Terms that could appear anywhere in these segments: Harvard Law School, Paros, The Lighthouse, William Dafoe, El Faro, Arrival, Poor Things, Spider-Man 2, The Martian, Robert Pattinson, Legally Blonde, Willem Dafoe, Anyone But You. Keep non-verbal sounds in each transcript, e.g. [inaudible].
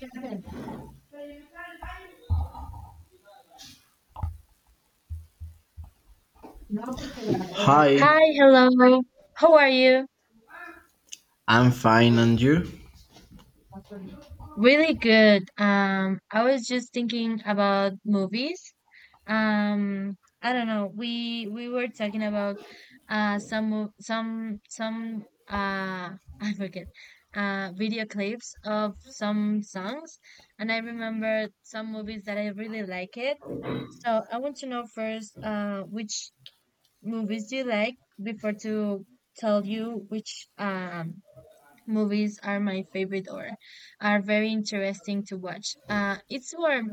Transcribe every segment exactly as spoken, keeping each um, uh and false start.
Hi, Hi, hello. How are you? I'm fine, and you? Really good. Um, I was just thinking about movies. Um, I don't know. We we were talking about uh some mo- some some uh [laughs] I forget uh video clips of some songs, and I remembered some movies that I really like it. So I want to know first uh which movies you like before to tell you which um movies are my favorite or are very interesting to watch. Uh, it's more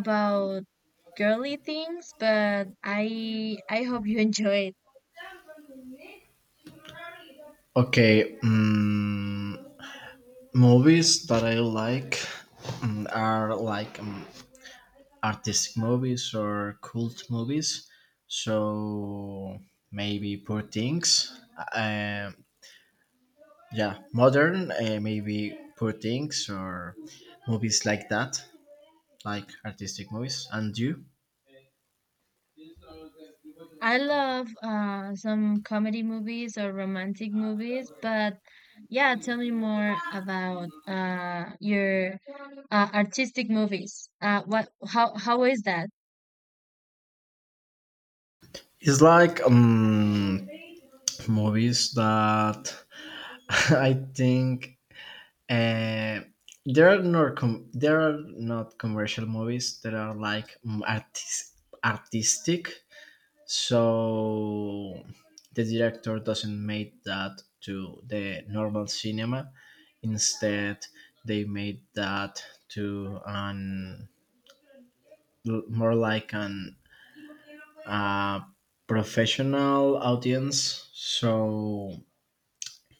about girly things, but I I hope you [laughs] enjoy it. Okay, um, movies that I like mm, are like um, artistic movies or cult movies. So maybe Poor Things. Uh, yeah, modern, uh, maybe Poor Things or movies like that, like artistic movies. And you? I love uh some comedy movies or romantic movies, but yeah, tell me more about uh your uh, artistic movies. Uh, what how how is that? It's like um, movies that [laughs] I think Uh, there are not com- there are not commercial movies that are like mm, artis- artistic, so the director doesn't make that to the normal cinema. Instead, they made that to an more like an uh, professional audience. So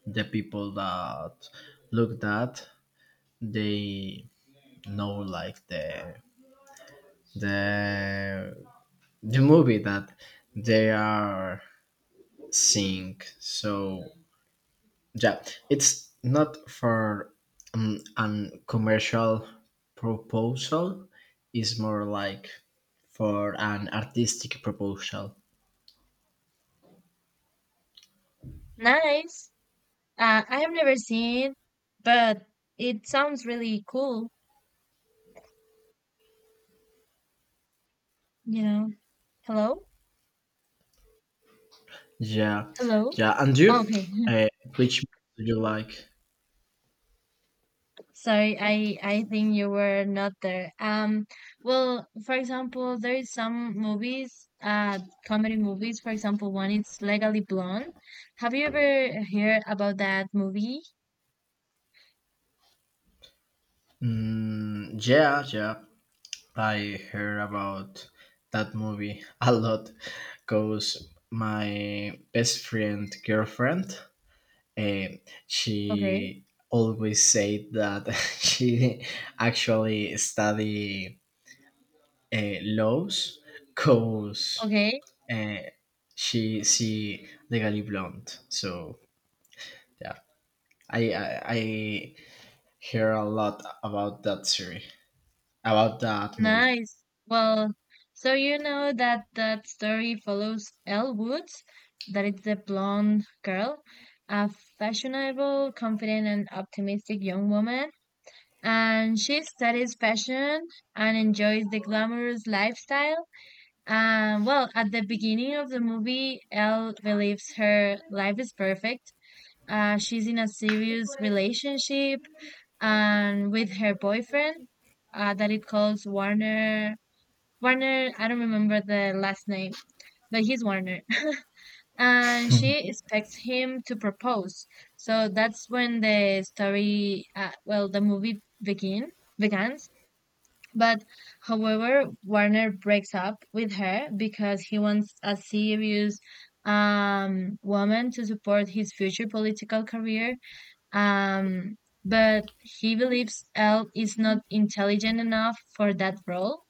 the people that look that they know like the the the movie that they are seeing. So yeah, it's not for um, an commercial proposal. It's more like for an artistic proposal. Nice. Uh, I have never seen it, but it sounds really cool, you know. Hello? Yeah, Hello? yeah. And you, Okay. [laughs] uh, which do you like? Sorry, I I think you were not there. Um, well, for example, there is some movies, uh, comedy movies. For example, one it's Legally Blonde. Have you ever heard about that movie? Mm, yeah, yeah. I heard about that movie [laughs] a lot because my best friend girlfriend, eh, Okay. she always said that [laughs] she actually study uh, laws because Okay. uh, she see Legally Blonde. So yeah, I, I I hear a lot about that series, about that movie. Nice. Well, so you know that that story follows Elle Woods, that it's the blonde girl, a fashionable, confident, and optimistic young woman. And she studies fashion and enjoys the glamorous lifestyle. Um, well, at the beginning of the movie, Elle believes her life is perfect. Uh, she's in a serious relationship and with her boyfriend uh, that it calls Warner Warner, I don't remember the last name, but he's Warner. [laughs] And she expects him to propose. So that's when the story, uh, well, the movie begin begins. But However, Warner breaks up with her because he wants a serious um woman to support his future political career. Um, but he believes Elle is not intelligent enough for that role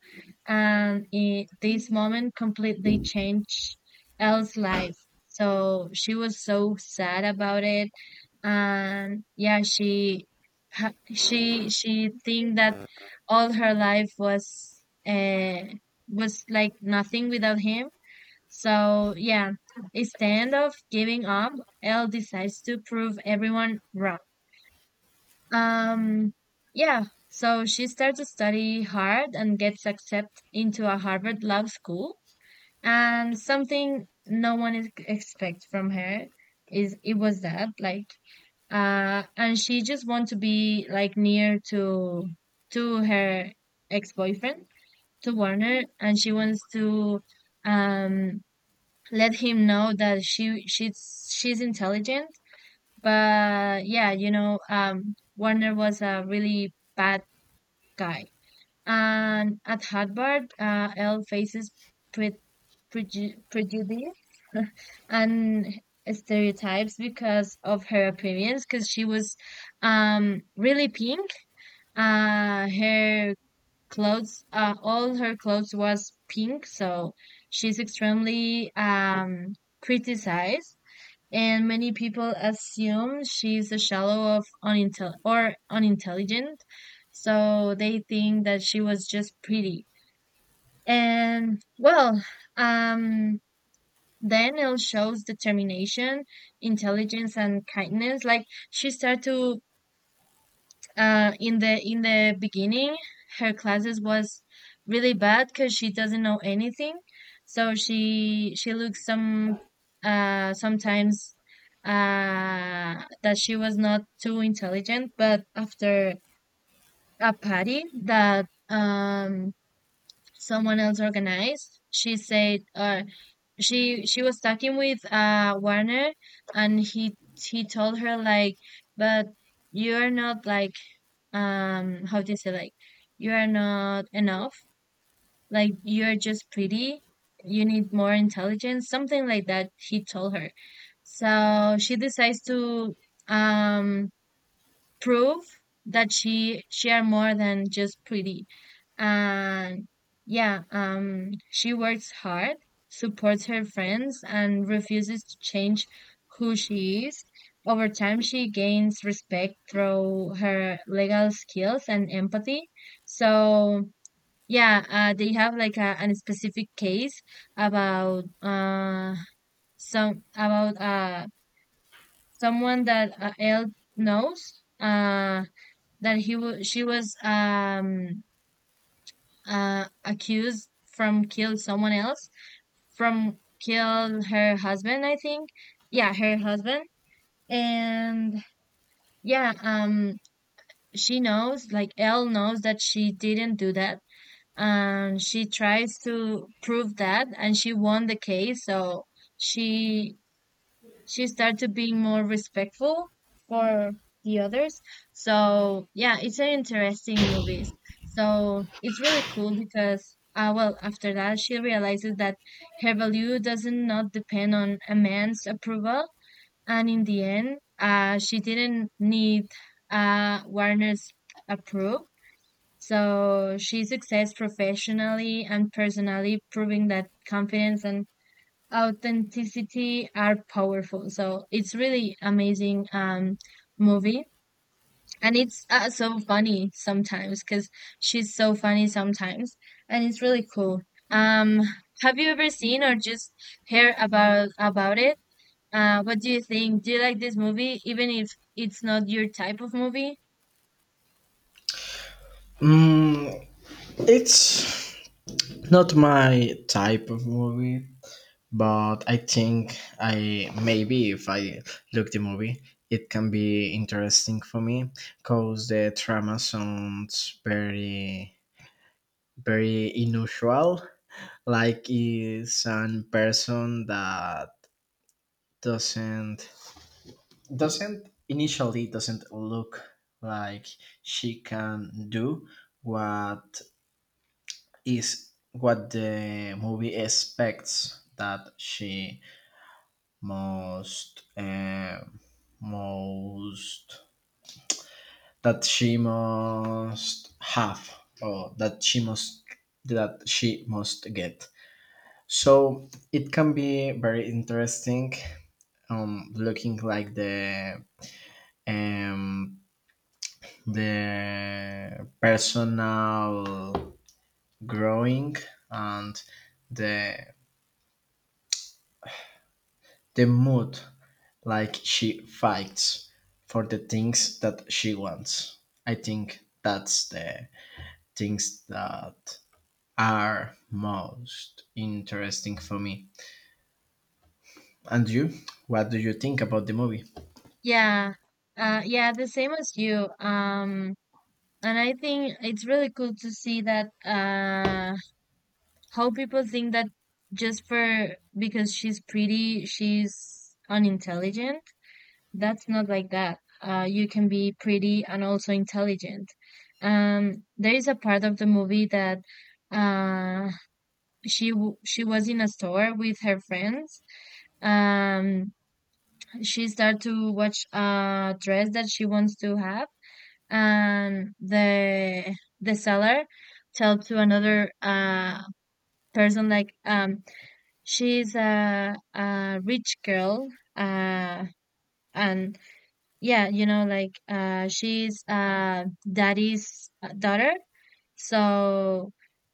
and it, this moment completely changed Elle's life. So she was so sad about it, and yeah, she ha- she she think that all her life was uh, was like nothing without him. So yeah, instead of giving up, Elle decides to prove everyone wrong. Um, yeah, so she started to study hard and gets accepted into a Harvard Law School. And something no one is expects from her is it was that like uh and she just want to be like near to to her ex-boyfriend to Warner, and she wants to um let him know that she she's she's intelligent, but yeah, you know, um, Warner was a really bad guy. And at Harvard, uh, Elle faces pre- preju- prejudice [laughs] and stereotypes because of her appearance, because she was um, really pink. Uh, her clothes, uh, all her clothes was pink, so she's extremely um, criticized, and many people assume she's a shallow of unintel or unintelligent, so they think that she was just pretty. And well, um daniel shows determination, intelligence, and kindness. Like she started to uh, in the in the beginning her classes was really bad because she doesn't know anything, so she she looks some uh sometimes uh that she was not too intelligent. But after a party that um someone else organized, she said uh she she was talking with uh Warner, and he he told her like, but you're not like, um how do you say, like you are not enough, like you're just pretty, you need more intelligence, something like that he told her. So she decides to um prove that she share more than just pretty. And yeah, um she works hard, supports her friends, and refuses to change who she is. Over time she gains respect through her legal skills and empathy. So yeah, uh, they have like a, an specific case about uh some about uh someone that uh, Elle knows, uh that he was she was um uh accused from kill someone else, from kill her husband, I think. Yeah, her husband. And yeah, um she knows, like Elle knows that she didn't do that, and she tries to prove that, and she won the case. So she she started being more respectful for the others. So yeah, it's an interesting movie. So it's really cool because uh, well, after that, she realizes that her value doesn't not depend on a man's approval, and in the end, uh, she didn't need uh Warner's approval. So she succeeds professionally and personally, proving that confidence and authenticity are powerful. So it's really amazing um movie, and it's uh, so funny sometimes cuz she's so funny sometimes, and it's really cool. Um have you ever seen or just heard about about it? Uh what do you think? Do you like this movie even if it's not your type of movie? Mm, it's not my type of movie, but I think I maybe if I look the movie, it can be interesting for me because the drama sounds very very unusual. Like is an person that doesn't doesn't initially doesn't look like she can do what is what the movie expects that she must um, most that she must have or that she must that she must get, so it can be very interesting um looking like the um the personal growing and the the mood, like she fights for the things that she wants. I think that's the things that are most interesting for me. And you, what do you think about the movie? Yeah. Uh yeah, the same as you. Um and I think it's really cool to see that uh how people think that just for because she's pretty, she's unintelligent. That's not like that. Uh, you can be pretty and also intelligent. Um, there is a part of the movie that uh, she w- she was in a store with her friends. Um, she started to watch a dress that she wants to have, and the the seller tell to another uh person like, um she's a, a rich girl, uh, and yeah, you know, like uh, she's uh, daddy's daughter, so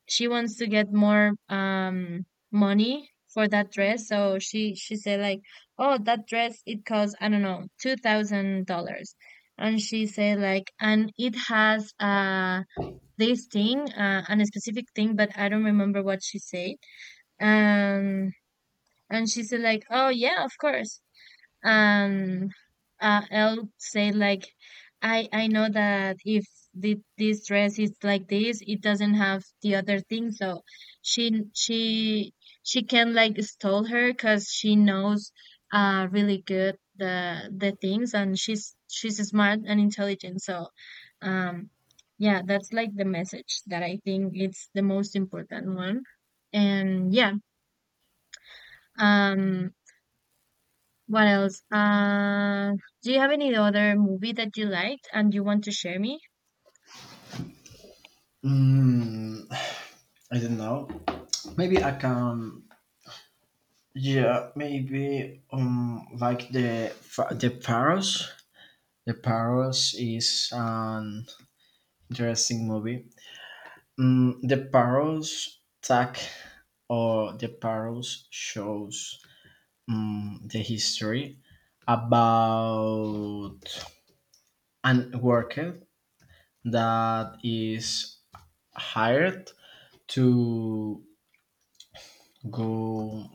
she wants to get more um money for that dress. So she she said like, oh, that dress it costs I don't know two thousand dollars, and she said like, and it has uh this thing, uh, and a specific thing, but I don't remember what she said. Um and she said like, "Oh yeah, of course." And uh, Elle said like, "I I know that if the, this dress is like this, it doesn't have the other thing, so she she she can like stole her because she knows uh really good the the things, and she's she's smart and intelligent. So um yeah, that's like the message that I think it's the most important one. And yeah, um what else? Uh, do you have any other movie that you liked and you want to share me? mm, I don't know, maybe I can, yeah maybe um like the the paros, the paros is an interesting movie. Mm, the Parrots Tag or the Parrots shows mm, the history about an worker that is hired to go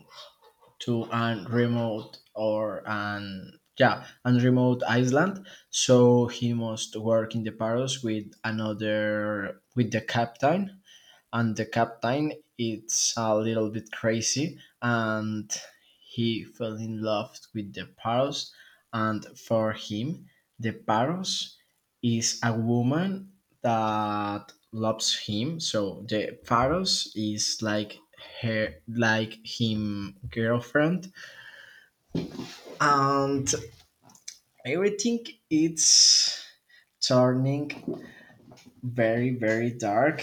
to an remote or an yeah an remote island, so he must work in the Paros with another, with the captain, and the captain is a little bit crazy, and he fell in love with the parrot, and for him the parrot is a woman that loves him, so the parrot is like her, like him girlfriend, and everything it's turning very very dark.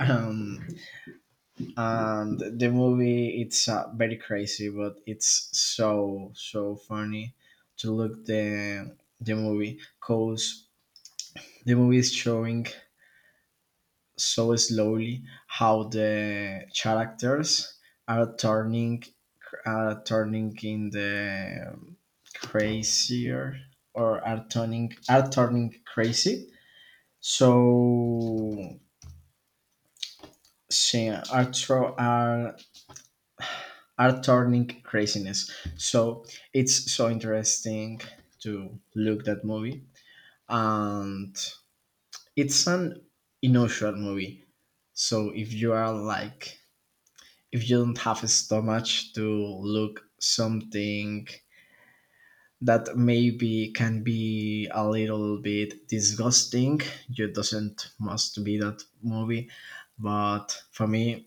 um and the movie it's uh, very crazy, but it's so so funny to look the the movie, cause the movie is showing so slowly how the characters are turning are turning in the um, crazier, or are turning are turning crazy, so she are, tro- are are turning craziness. So it's so interesting to look that movie, and it's an unusual movie. So if you are like, if you don't have a stomach to look something that maybe can be a little bit disgusting, you doesn't must be that movie. But for me,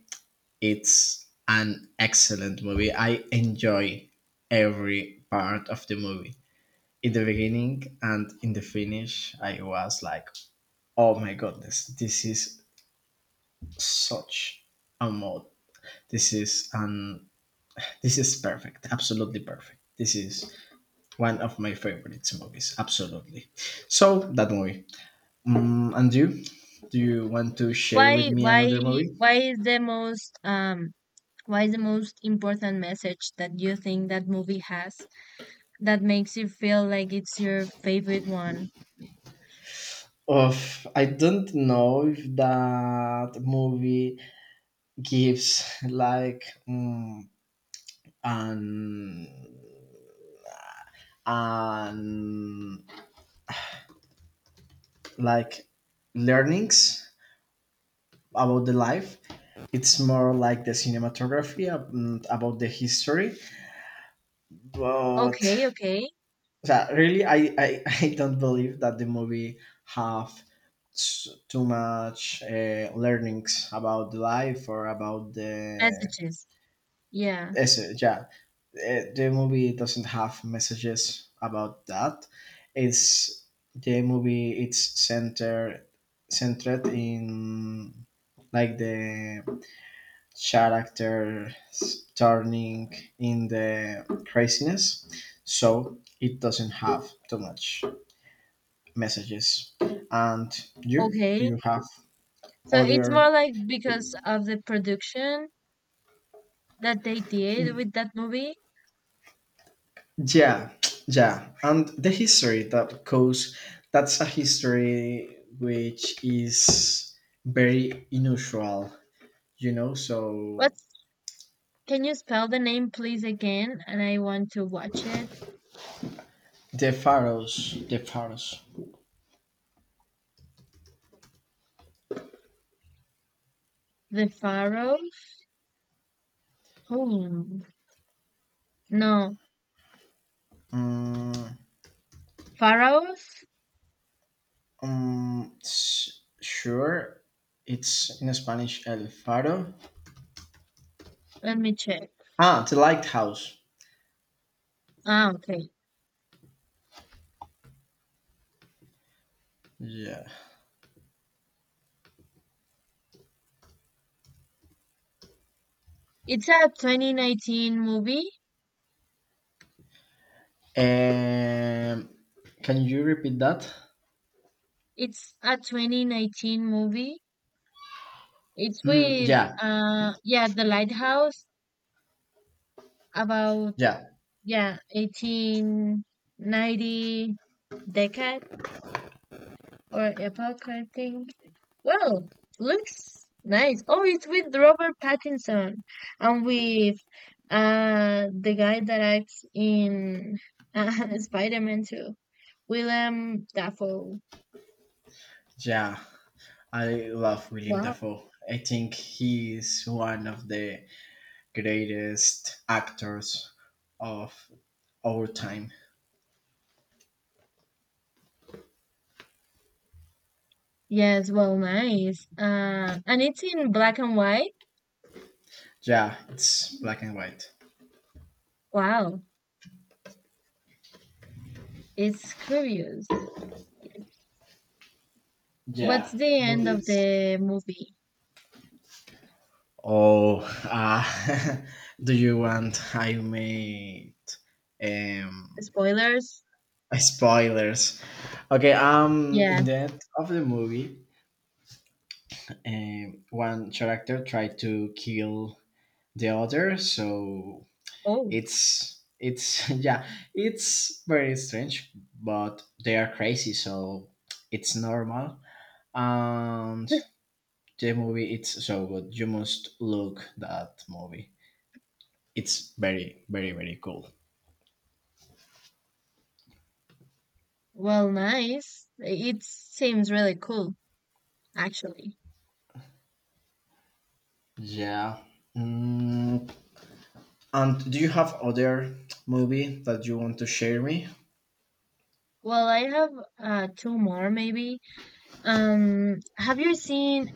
it's an excellent movie. I enjoy every part of the movie. In the beginning and in the finish, I was like, oh my goodness, this is such a mod. This is an this is perfect, absolutely perfect. This is one of my favorite movies, absolutely. So that movie. Mm, and you, do you want to share with Why, me why, another movie? why is the most um, why is the most important message that you think that movie has that makes you feel like it's your favorite one? Of I don't know if that movie gives like mm, an an like learnings about the life. It's more like the cinematography um, about the history. But Okay, okay. yeah, really, I, I [laughs] I don't believe that the movie have s- too much uh, learnings about the life or about the Messages. Yeah. Eso, yeah. Uh, the movie doesn't have messages about that. It's the movie. It's centered centered in like the characters turning in the craziness. So it doesn't have too much messages. And you, do Okay. you have So it's other? more like because of the production that they did with that movie. Yeah, yeah, and the history that goes, that's a history which is very unusual, you know. So What's, can you spell the name please again? And I want to watch it. the pharaohs, the pharaohs. The Pharaohs? Hmm. No. Mm, Pharaohs? um, s- sure, it's in Spanish El Faro. Let me check. Ah, the lighthouse. Ah, okay. Yeah. It's a twenty nineteen movie. Um, can you repeat that? It's a twenty nineteen movie. It's Mm, with yeah, uh yeah, The Lighthouse about yeah, yeah, eighteen ninety decade or epoch, I think. Well, looks nice. Oh, it's with Robert Pattinson and with uh the guy that acts in uh, [laughs] Spider-Man two, Willem Dafoe. yeah. I love William Wow. Dafoe. I think he's one of the greatest actors of our time. Yes, well, nice. Uh, and it's in black and white. Yeah, it's black and white. Wow, it's curious. What's Yeah, the but end of it's. the movie? Oh, uh, [laughs] do you want I made um, Spoilers? spoilers? Okay, um, in the Yes. end of the movie, um, one character tried to kill the other, so Oh, it's it's [laughs] yeah it's very strange, but they are crazy, so it's normal, and the movie it's so good, you must look that movie, it's very very very cool. well, nice. It seems really cool, actually. Yeah. Mm, and do you have other movie that you want to share me? Well, I have uh, two more maybe. Um, have you seen?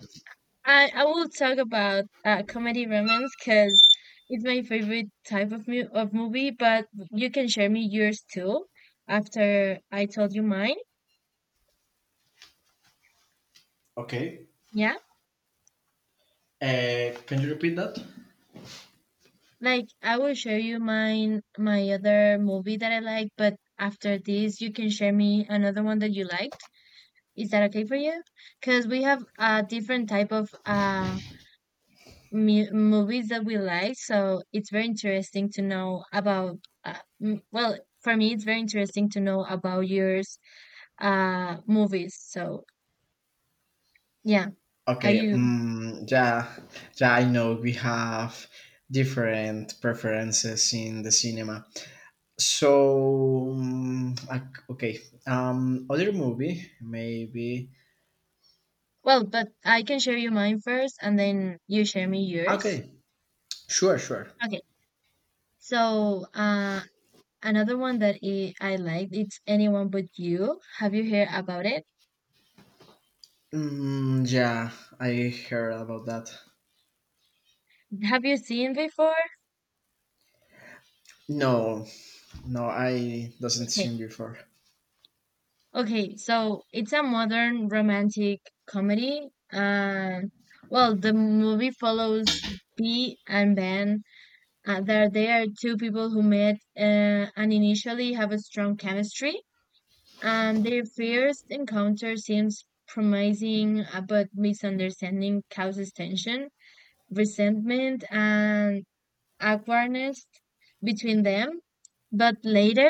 I I will talk about uh, comedy romance because it's my favorite type of mu of movie. But you can share me yours too after I told you mine. Okay, Yeah, uh, can you repeat that? like I will share you mine my other movie that I like. But after this, you can share me another one that you liked. Is that okay for you? Because we have a different type of uh mu- movies that we like. So it's very interesting to know about. Uh, m- well, for me, it's very interesting to know about yours, uh, movies. So yeah, are Okay, you? mm, yeah, yeah, I know we have different preferences in the cinema. So, mm, ac- okay, um, other movie, maybe. Well, but I can share you mine first, and then you share me yours. Okay, sure, sure. Okay. So uh, another one that I, I liked, it's Anyone But You. Have you heard about it? Mm, yeah, I heard about that. Have you seen before? No, no, I doesn't Okay, seen before. okay, so it's a modern romantic comedy. And well, the movie follows Bee and Ben. Uh, there, they are two people who met uh, and initially have a strong chemistry. And their first encounter seems promising, uh, but misunderstanding causes tension, resentment, and awkwardness between them. But later,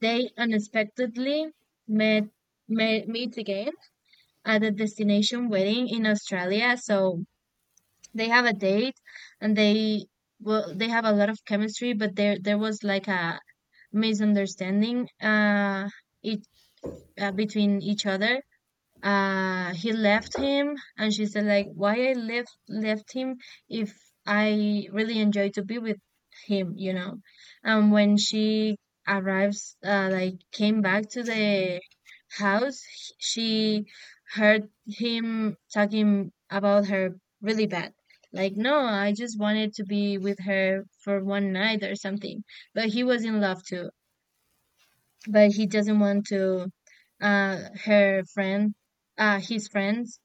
they unexpectedly met, met meet again at a destination wedding in Australia. So they have a date, and they well they have a lot of chemistry, but there there was like a misunderstanding uh it uh, between each other. Uh he left him, and she said like why I left left him if I really enjoy to be with him, you know. And when she arrives, uh, like came back to the house, h- she heard him talking about her really bad, like no I just wanted to be with her for one night or something, but he was in love too, but he doesn't want to uh her friend uh his friends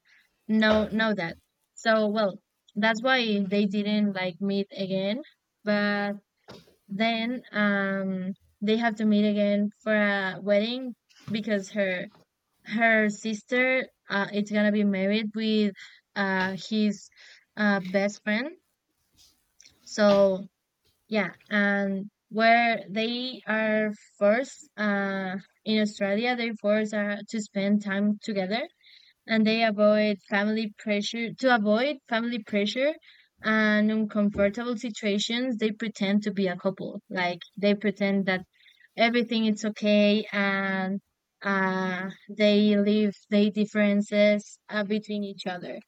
know know that. So well, that's why they didn't like meet again. But then um they have to meet again for a wedding because her her sister uh it's gonna be married with uh his uh best friend. So yeah, and where they are forced uh, in Australia, they forced uh, to spend time together, and they avoid family pressure to avoid family pressure and uncomfortable situations. They pretend to be a couple, like they pretend that everything is okay, and uh, they leave their differences uh, between each other.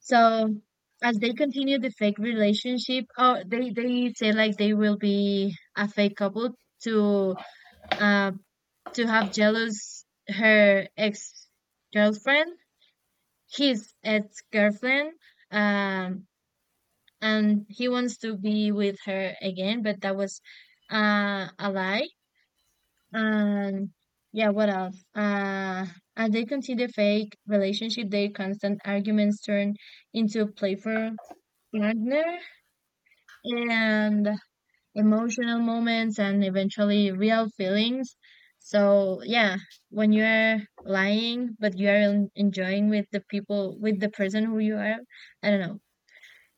So as they continue the fake relationship, oh, they they say like they will be a fake couple to uh to have jealous her ex girlfriend, his ex girlfriend, um, and he wants to be with her again, but that was uh a lie. And yeah, what else? Uh, as they continue the fake relationship, their constant arguments turn into playful partner and emotional moments and eventually real feelings. So yeah, when you're lying but you are en- enjoying with the people with the person who you are, I don't know.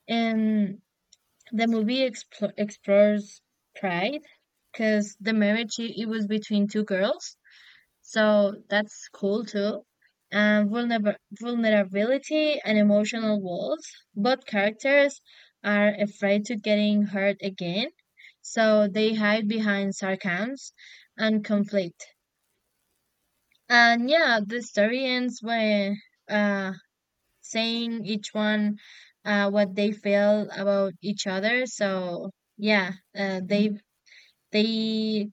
And the movie expl explores pride because the marriage i- it was between two girls, so that's cool too. And vulner vulnerability and emotional walls. Both characters are afraid to getting hurt again, so they hide behind sarcasms and conflict. And yeah, the story ends by uh, saying each one uh, what they feel about each other. So yeah, uh, they they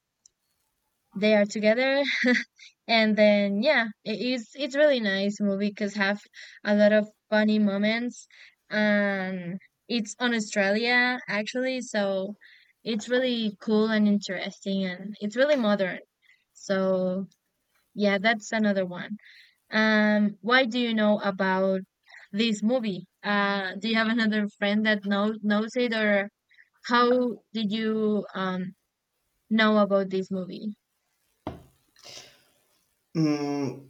they are together. And then yeah, it is it's really nice movie because have a lot of funny moments. Um, it's on Australia actually, so it's really cool and interesting, and it's really modern. So yeah, that's another one. Um, why do you know about this movie? Uh, do you have another friend that knows knows it, or how did you um know about this movie? Mm,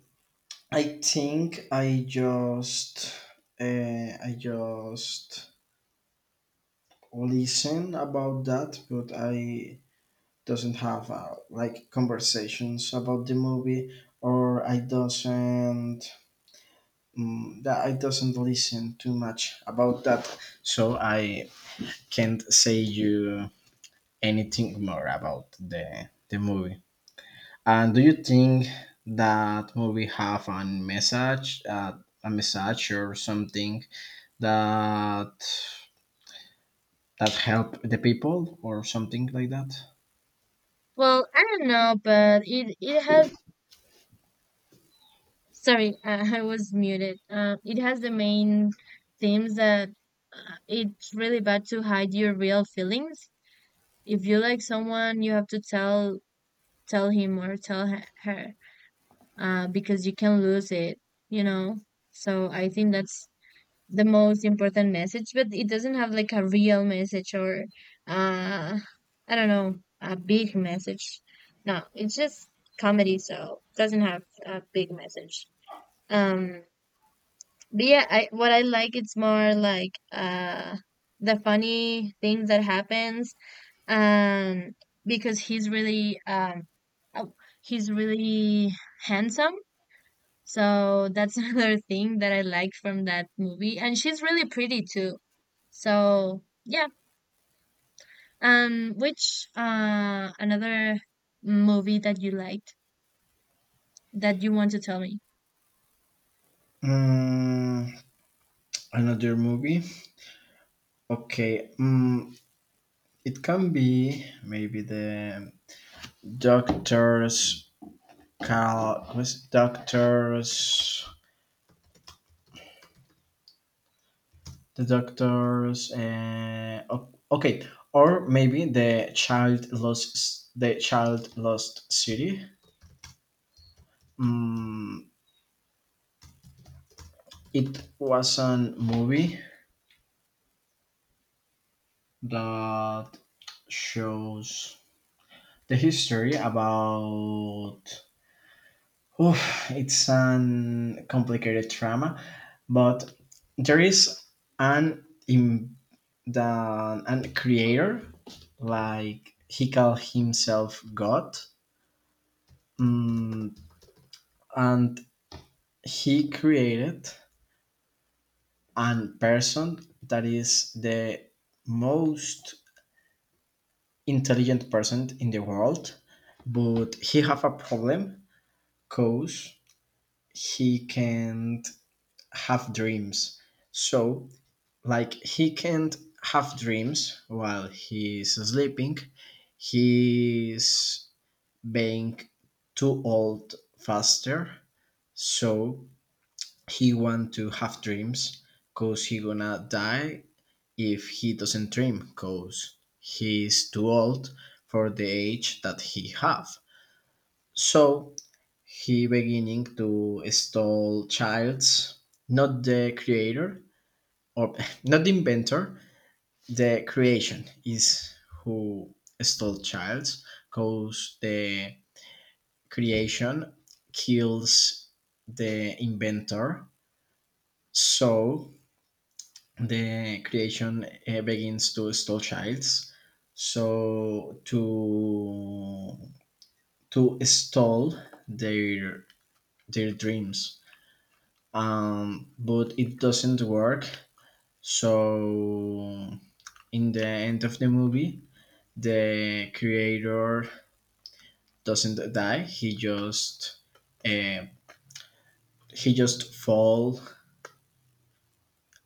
I think I just, uh, I just listen about that, but I doesn't have uh, like conversations about the movie, or I doesn't mm, that I doesn't listen too much about that, so I can't say you anything more about the the movie. And do you think that movie have a message uh, a message or something that that help the people or something like that? Well, I don't know, but it it has sorry, uh, [laughs] I was muted. Uh, it has the main themes that uh, it's really bad to hide your real feelings. If you like someone, you have to tell tell him or tell he- her, uh, because you can lose it, you know. So I think that's the most important message, but it doesn't have like a real message or uh, I don't know, a big message. No, it's just comedy, so doesn't have a big message. Um, But yeah, I what I like it's more like uh the funny things that happens um because he's really um oh, he's really handsome. So that's [laughs] another thing that I like from that movie, and she's really pretty too. So yeah. Um which uh another movie that you liked that you want to tell me? Mm, another movie. Okay. Mm, it can be maybe the doctors, call what's doctors the doctors uh, o- okay, or maybe the child lost, the child lost city. Mm, it was a movie that shows the history about Oof, it's an complicated trauma, but there is an im the an creator, like he called himself God, mm, and he created an person that is the most intelligent person in the world, but he have a problem because he can't have dreams. So like he can't have dreams while he's sleeping, he's being too old faster, so he want to have dreams cause he gonna die if he doesn't dream, cause he's too old for the age that he have. So he beginning to stall childs, not the creator, or [laughs] not the inventor, the creation is who stole child, cause the creation kills the inventor. So the creation uh, begins to stole childs, so to to stall their their dreams. Um but it doesn't work, so in the end of the movie the creator doesn't die. He just uh, he just fall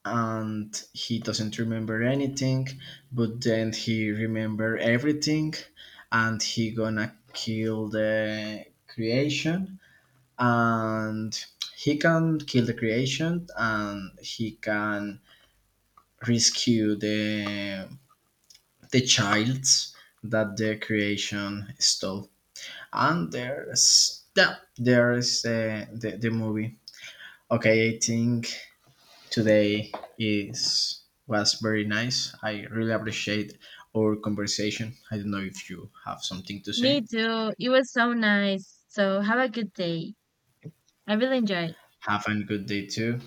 and he doesn't remember anything. But then he remember everything, and he gonna kill the creation, and he can kill the creation, and he can rescue the the childs that the creation stole. And there's, yeah, there's uh, the, the movie. Okay, I think today is was very nice. I really appreciate our conversation. I don't know if you have something to Me say. too. It was so nice. So have a good day. I really enjoyed. Have a good day too.